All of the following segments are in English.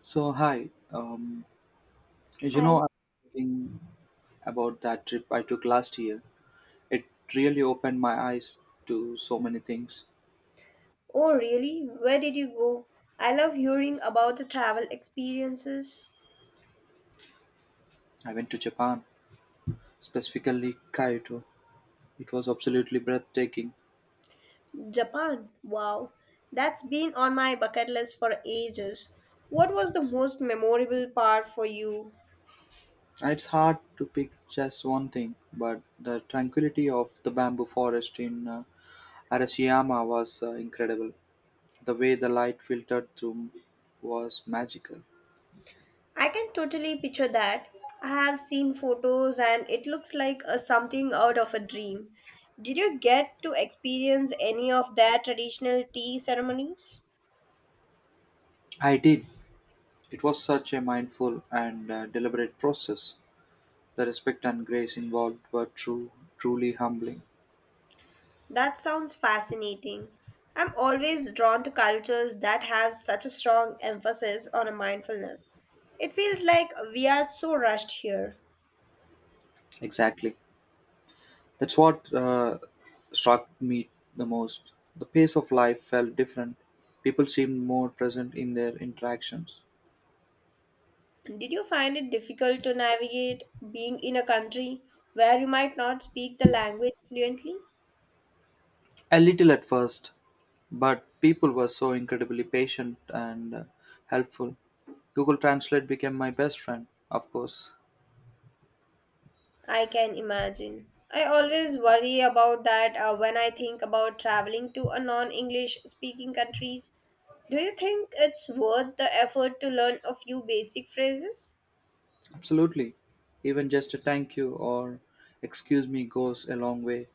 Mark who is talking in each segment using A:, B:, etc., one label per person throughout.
A: So hi, um,
B: Hi.
A: I'm thinking about that trip I took last year. It really opened my eyes to so many things.
B: Oh, really? Where did you go? I love hearing about the travel experiences.
A: I went to Japan, specifically Kyoto. It was absolutely breathtaking.
B: Japan. Wow. That's been on my bucket list for ages. What was the most memorable part for you?
A: It's hard to pick just one thing, but the tranquility of the bamboo forest in Arashiyama was incredible. The way the light filtered through was magical.
B: I can totally picture that. I have seen photos and it looks like a something out of a dream. Did you get to experience any of their traditional tea ceremonies?
A: I did. It was such a mindful and deliberate process. The respect and grace involved were truly humbling.
B: That sounds fascinating. I'm always drawn to cultures that have such a strong emphasis on a mindfulness. It feels like we are so rushed here.
A: Exactly. That's what struck me the most. The pace of life felt different. People seemed more present in their interactions.
B: Did you find it difficult to navigate being in a country where you might not speak the language fluently?
A: A little at first, but people were so incredibly patient and helpful. Google Translate became my best friend, of course.
B: I can imagine. I always worry about that when I think about traveling to a non-English speaking countries. Do you think it's worth the effort to learn a few basic phrases?
A: Absolutely. Even just a thank you or excuse me goes a long way.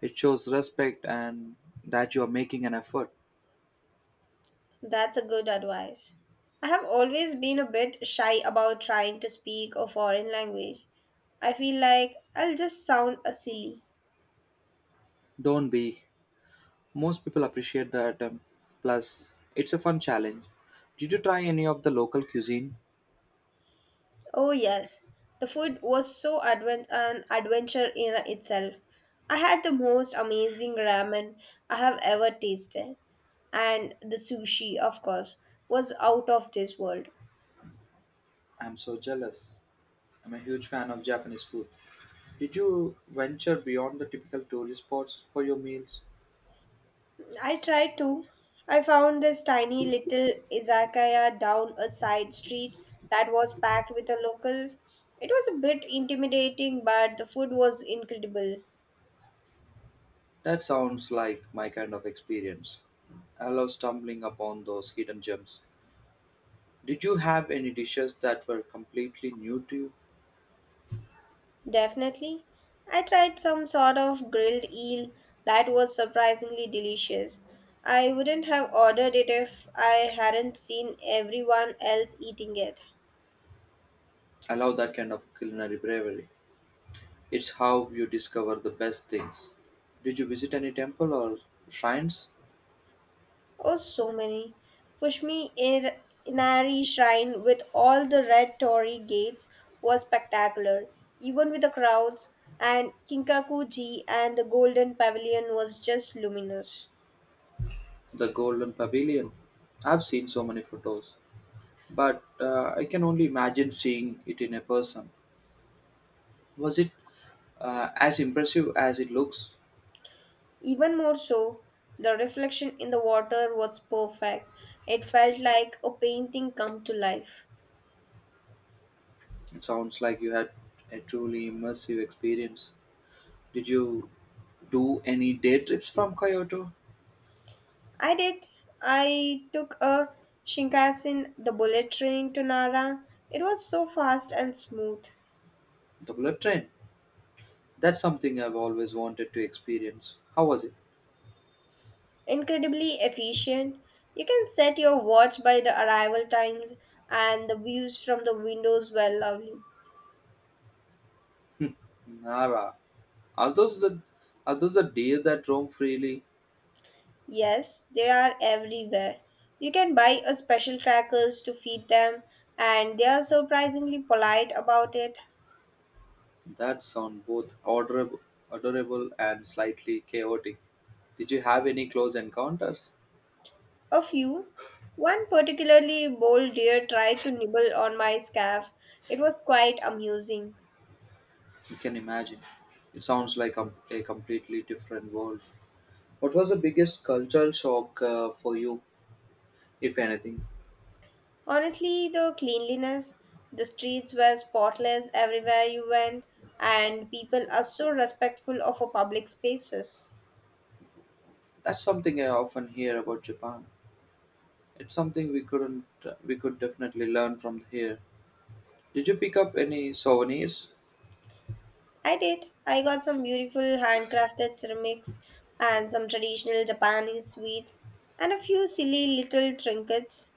A: It shows respect and that you are making an effort.
B: That's a good advice. I have always been a bit shy about trying to speak a foreign language. I feel like I'll just sound a silly.
A: Don't be. Most people appreciate the attempt. Plus, it's a fun challenge. Did you try any of the local cuisine?
B: Oh yes, the food was so advent an adventure in itself. I had the most amazing ramen I have ever tasted, and the sushi, of course, was out of this world.
A: I'm so jealous. I'm a huge fan of Japanese food. Did you venture beyond the typical tourist spots for your meals?
B: I tried to. I found this tiny little izakaya down a side street that was packed with the locals. It was a bit intimidating, but the food was incredible.
A: That sounds like my kind of experience. I love stumbling upon those hidden gems. Did you have any dishes that were completely new to you?
B: Definitely. I tried some sort of grilled eel that was surprisingly delicious. I wouldn't have ordered it if I hadn't seen everyone else eating it.
A: I love that kind of culinary bravery. It's how you discover the best things. Did you visit any temple or shrines?
B: Oh, so many. Fushimi Ir- Inari Shrine with all the red torii gates was spectacular, even with the crowds, and Kinkaku-ji and the Golden Pavilion was just luminous.
A: The Golden Pavilion. I've seen so many photos, but I can only imagine seeing it in a person. Was it as impressive as it looks?
B: Even more so, the reflection in the water was perfect. It felt like a painting come to life.
A: It sounds like you had a truly immersive experience. Did you do any day trips from Kyoto?
B: I did. I took a Shinkansen, the bullet train to Nara. It was so fast and smooth.
A: The bullet train. That's something I've always wanted to experience. How was it?
B: Incredibly efficient. You can set your watch by the arrival times, and the views from the windows were lovely.
A: Nara. Are those the are those the deer that roam freely?
B: Yes, they are everywhere. You can buy a special crackers to feed them, and they are surprisingly polite about it.
A: That sound both adorable and slightly chaotic. Did you have any close encounters?
B: A few. One particularly bold deer tried to nibble on my scarf. It was quite amusing.
A: You can imagine. It sounds like a completely different world. What was the biggest cultural shock for you, if anything?
B: Honestly, the cleanliness, the streets were spotless everywhere you went, and people are so respectful of our public spaces.
A: That's something I often hear about Japan. It's something we couldn't we could definitely learn from here. Did you pick up any souvenirs?
B: I did. I got some beautiful handcrafted ceramics and some traditional Japanese sweets and a few silly little trinkets.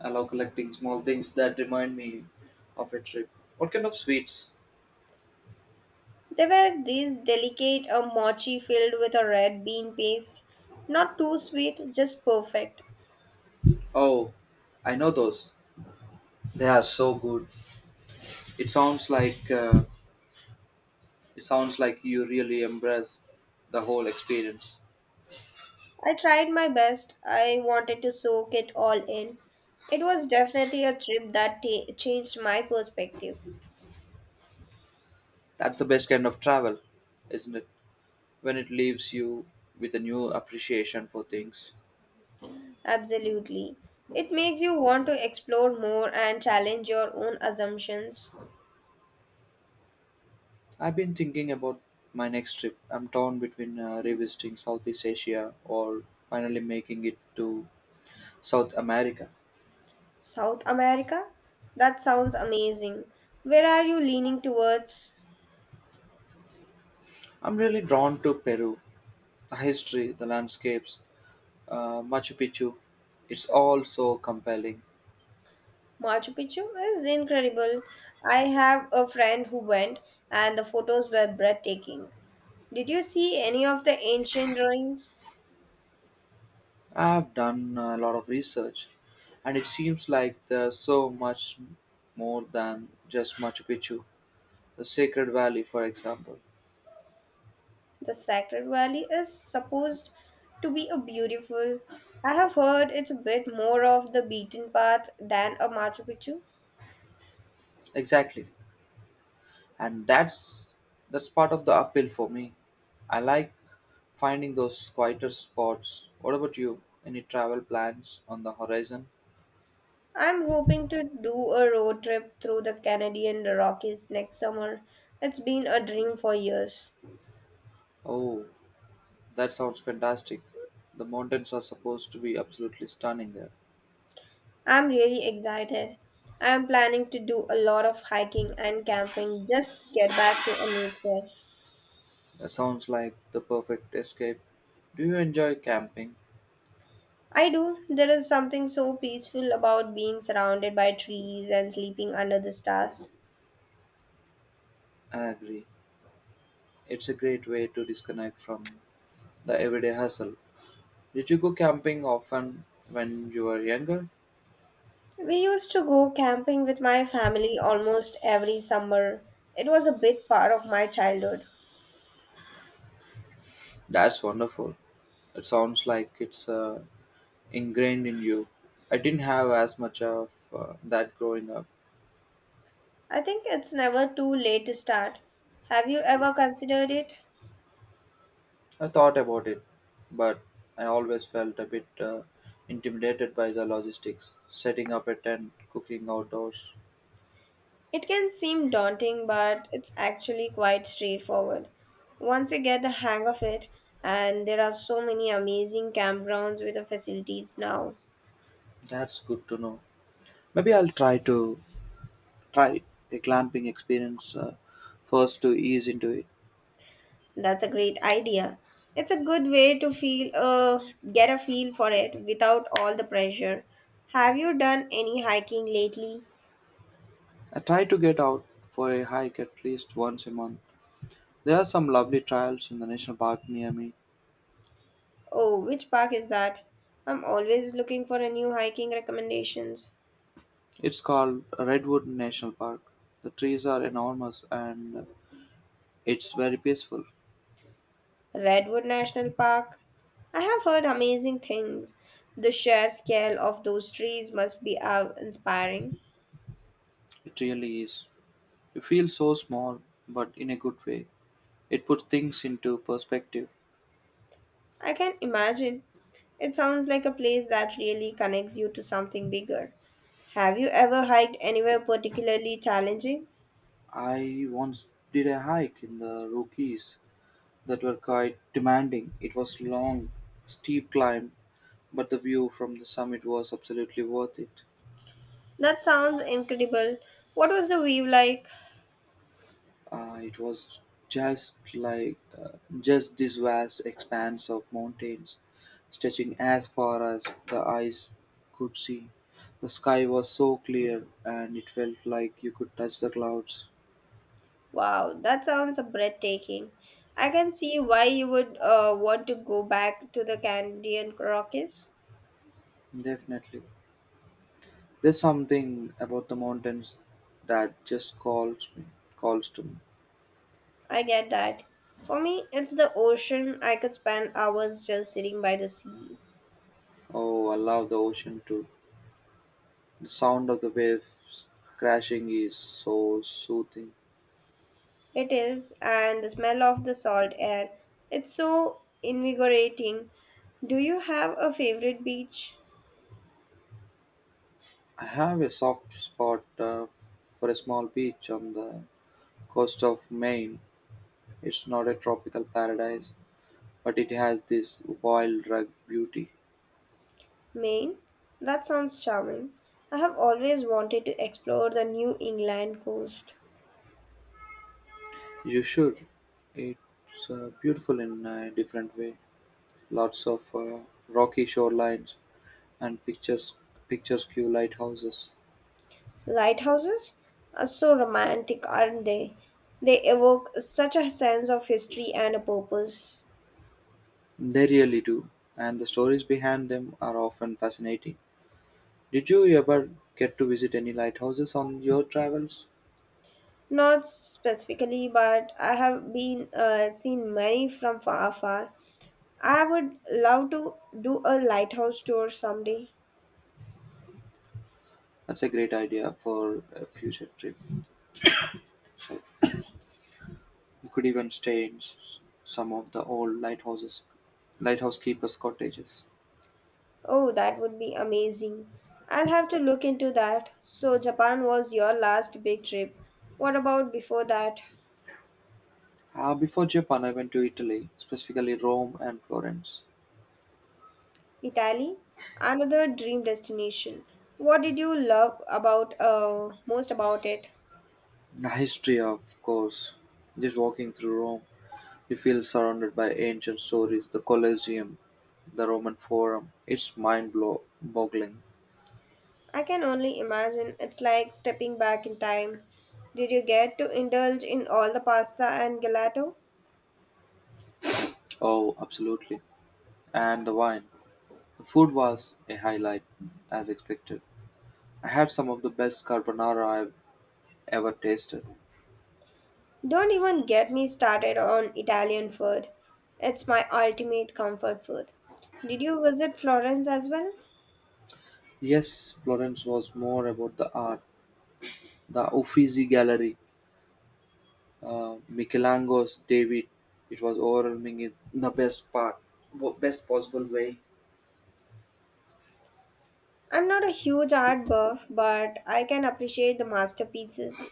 A: I love collecting small things that remind me of a trip. What kind of sweets?
B: They were these delicate a mochi filled with a red bean paste. Not too sweet, just perfect.
A: Oh, I know those. They are so good. It sounds like you really embrace the whole experience.
B: I tried my best. I wanted to soak it all in. It was definitely a trip that ta changed my perspective.
A: That's the best kind of travel, isn't it? When it leaves you with a new appreciation for things.
B: Absolutely. It makes you want to explore more and challenge your own assumptions.
A: I've been thinking about my next trip. I'm torn between revisiting Southeast Asia or finally making it to South America.
B: South America? That sounds amazing. Where are you leaning towards?
A: I'm really drawn to Peru, the history, the landscapes, Machu Picchu. It's all so compelling.
B: Machu Picchu is incredible. I have a friend who went, and the photos were breathtaking. Did you see any of the ancient ruins?
A: I've done a lot of research, and it seems like there's so much more than just Machu Picchu, the Sacred Valley, for example.
B: The Sacred Valley is supposed to be a beautiful. I have heard it's a bit more of the beaten path than a Machu Picchu.
A: Exactly, and that's part of the appeal for me. I like finding those quieter spots. What about you? Any travel plans on the horizon?
B: I'm hoping to do a road trip through the Canadian Rockies next summer. It's been a dream for years.
A: Oh, that sounds fantastic. The mountains are supposed to be absolutely stunning there.
B: I'm really excited. I'm planning to do a lot of hiking and camping, just get back to a nature.
A: That sounds like the perfect escape. Do you enjoy camping?
B: I do. There is something so peaceful about being surrounded by trees and sleeping under the stars.
A: I agree. It's a great way to disconnect from the everyday hustle. Did you go camping often when you were younger?
B: We used to go camping with my family almost every summer. It was a big part of my childhood.
A: That's wonderful. It sounds like it's ingrained in you. I didn't have as much of that growing up.
B: I think it's never too late to start. Have you ever considered it?
A: I thought about it, but I always felt a bit intimidated by the logistics, setting up a tent, cooking outdoors.
B: It can seem daunting, but it's actually quite straightforward. Once you get the hang of it, and there are so many amazing campgrounds with the facilities now.
A: That's good to know. Maybe I'll try a glamping experience first to ease into it.
B: That's a great idea. It's a good way to feel get a feel for it without all the pressure. Have you done any hiking lately?
A: I try to get out for a hike at least once a month. There are some lovely trails in the national park near me.
B: Oh, which park is that? I'm always looking for a new hiking recommendations.
A: It's called Redwood National Park. The trees are enormous and it's very peaceful.
B: Redwood National Park. I have heard amazing things. The sheer scale of those trees must be awe inspiring.
A: It really is. You feel so small, but in a good way. It puts things into perspective.
B: I can imagine. It sounds like a place that really connects you to something bigger. Have you ever hiked anywhere particularly challenging?
A: I once did a hike in the Rockies that were quite demanding. It was long, steep climb, but the view from the summit was absolutely worth it.
B: That sounds incredible. What was the view like?
A: It was just like uh, just this vast expanse of mountains stretching as far as the eyes could see. The sky was so clear and it felt like you could touch the clouds.
B: Wow, that sounds breathtaking. I can see why you would want to go back to the Canadian Rockies.
A: Definitely. There's something about the mountains that just calls to me.
B: I get that. For me, it's the ocean. I could spend hours just sitting by the sea.
A: Oh, I love the ocean too. The sound of the waves crashing is so soothing.
B: It is, and the smell of the salt air, it's so invigorating. Do you have a favorite beach?
A: I have a soft spot for a small beach on the coast of Maine. It's not a tropical paradise, but it has this wild, rugged beauty.
B: Maine? That sounds charming. I have always wanted to explore the New England coast.
A: You should. It's beautiful in a different way. Lots of rocky shorelines and picturesque lighthouses.
B: Lighthouses are so romantic, aren't they? They evoke such a sense of history and a purpose.
A: They really do, and the stories behind them are often fascinating. Did you ever get to visit any lighthouses on your travels?
B: Not specifically, but I have been seen many from far, far. I would love to do a lighthouse tour someday.
A: That's a great idea for a future trip. You could even stay in some of the old lighthouse keepers' cottages.
B: Oh, that would be amazing. I'll have to look into that. So, Japan was your last big trip. What about before that?
A: Before Japan, I went to Italy, specifically Rome and Florence.
B: Italy? Another dream destination. What did you love about most about it?
A: The history, of course, just walking through Rome, you feel surrounded by ancient stories, the Colosseum, the Roman Forum. It's mind-boggling.
B: I can only imagine it's like stepping back in time. Did you get to indulge in all the pasta and gelato?
A: Oh, absolutely. And the wine. The food was a highlight, as expected. I had some of the best carbonara I've ever tasted.
B: Don't even get me started on Italian food. It's my ultimate comfort food. Did you visit Florence as well?
A: Yes, Florence was more about the art. The Uffizi Gallery, Michelangelo's David. It was overwhelming in the best possible way.
B: I'm not a huge art buff, but I can appreciate the masterpieces.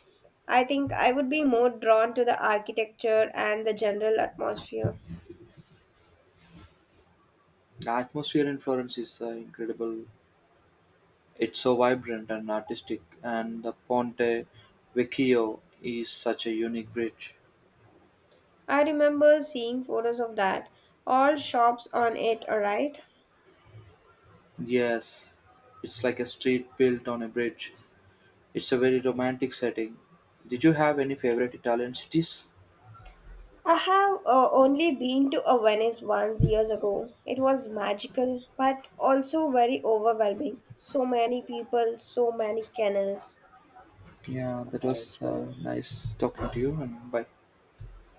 B: I think I would be more drawn to the architecture and the general atmosphere.
A: The atmosphere in Florence is incredible. It's so vibrant and artistic, and the Ponte Vecchio is such a unique bridge.
B: I remember seeing photos of that. All shops on it, alright?
A: Yes, it's like a street built on a bridge. It's a very romantic setting. Did you have any favorite Italian cities?
B: I have only been to a Venice once years ago. It was magical, but also very overwhelming. So many people, so many canals.
A: Yeah,
B: Yeah,
A: that was
B: thank you.
A: nice talking to you, and bye.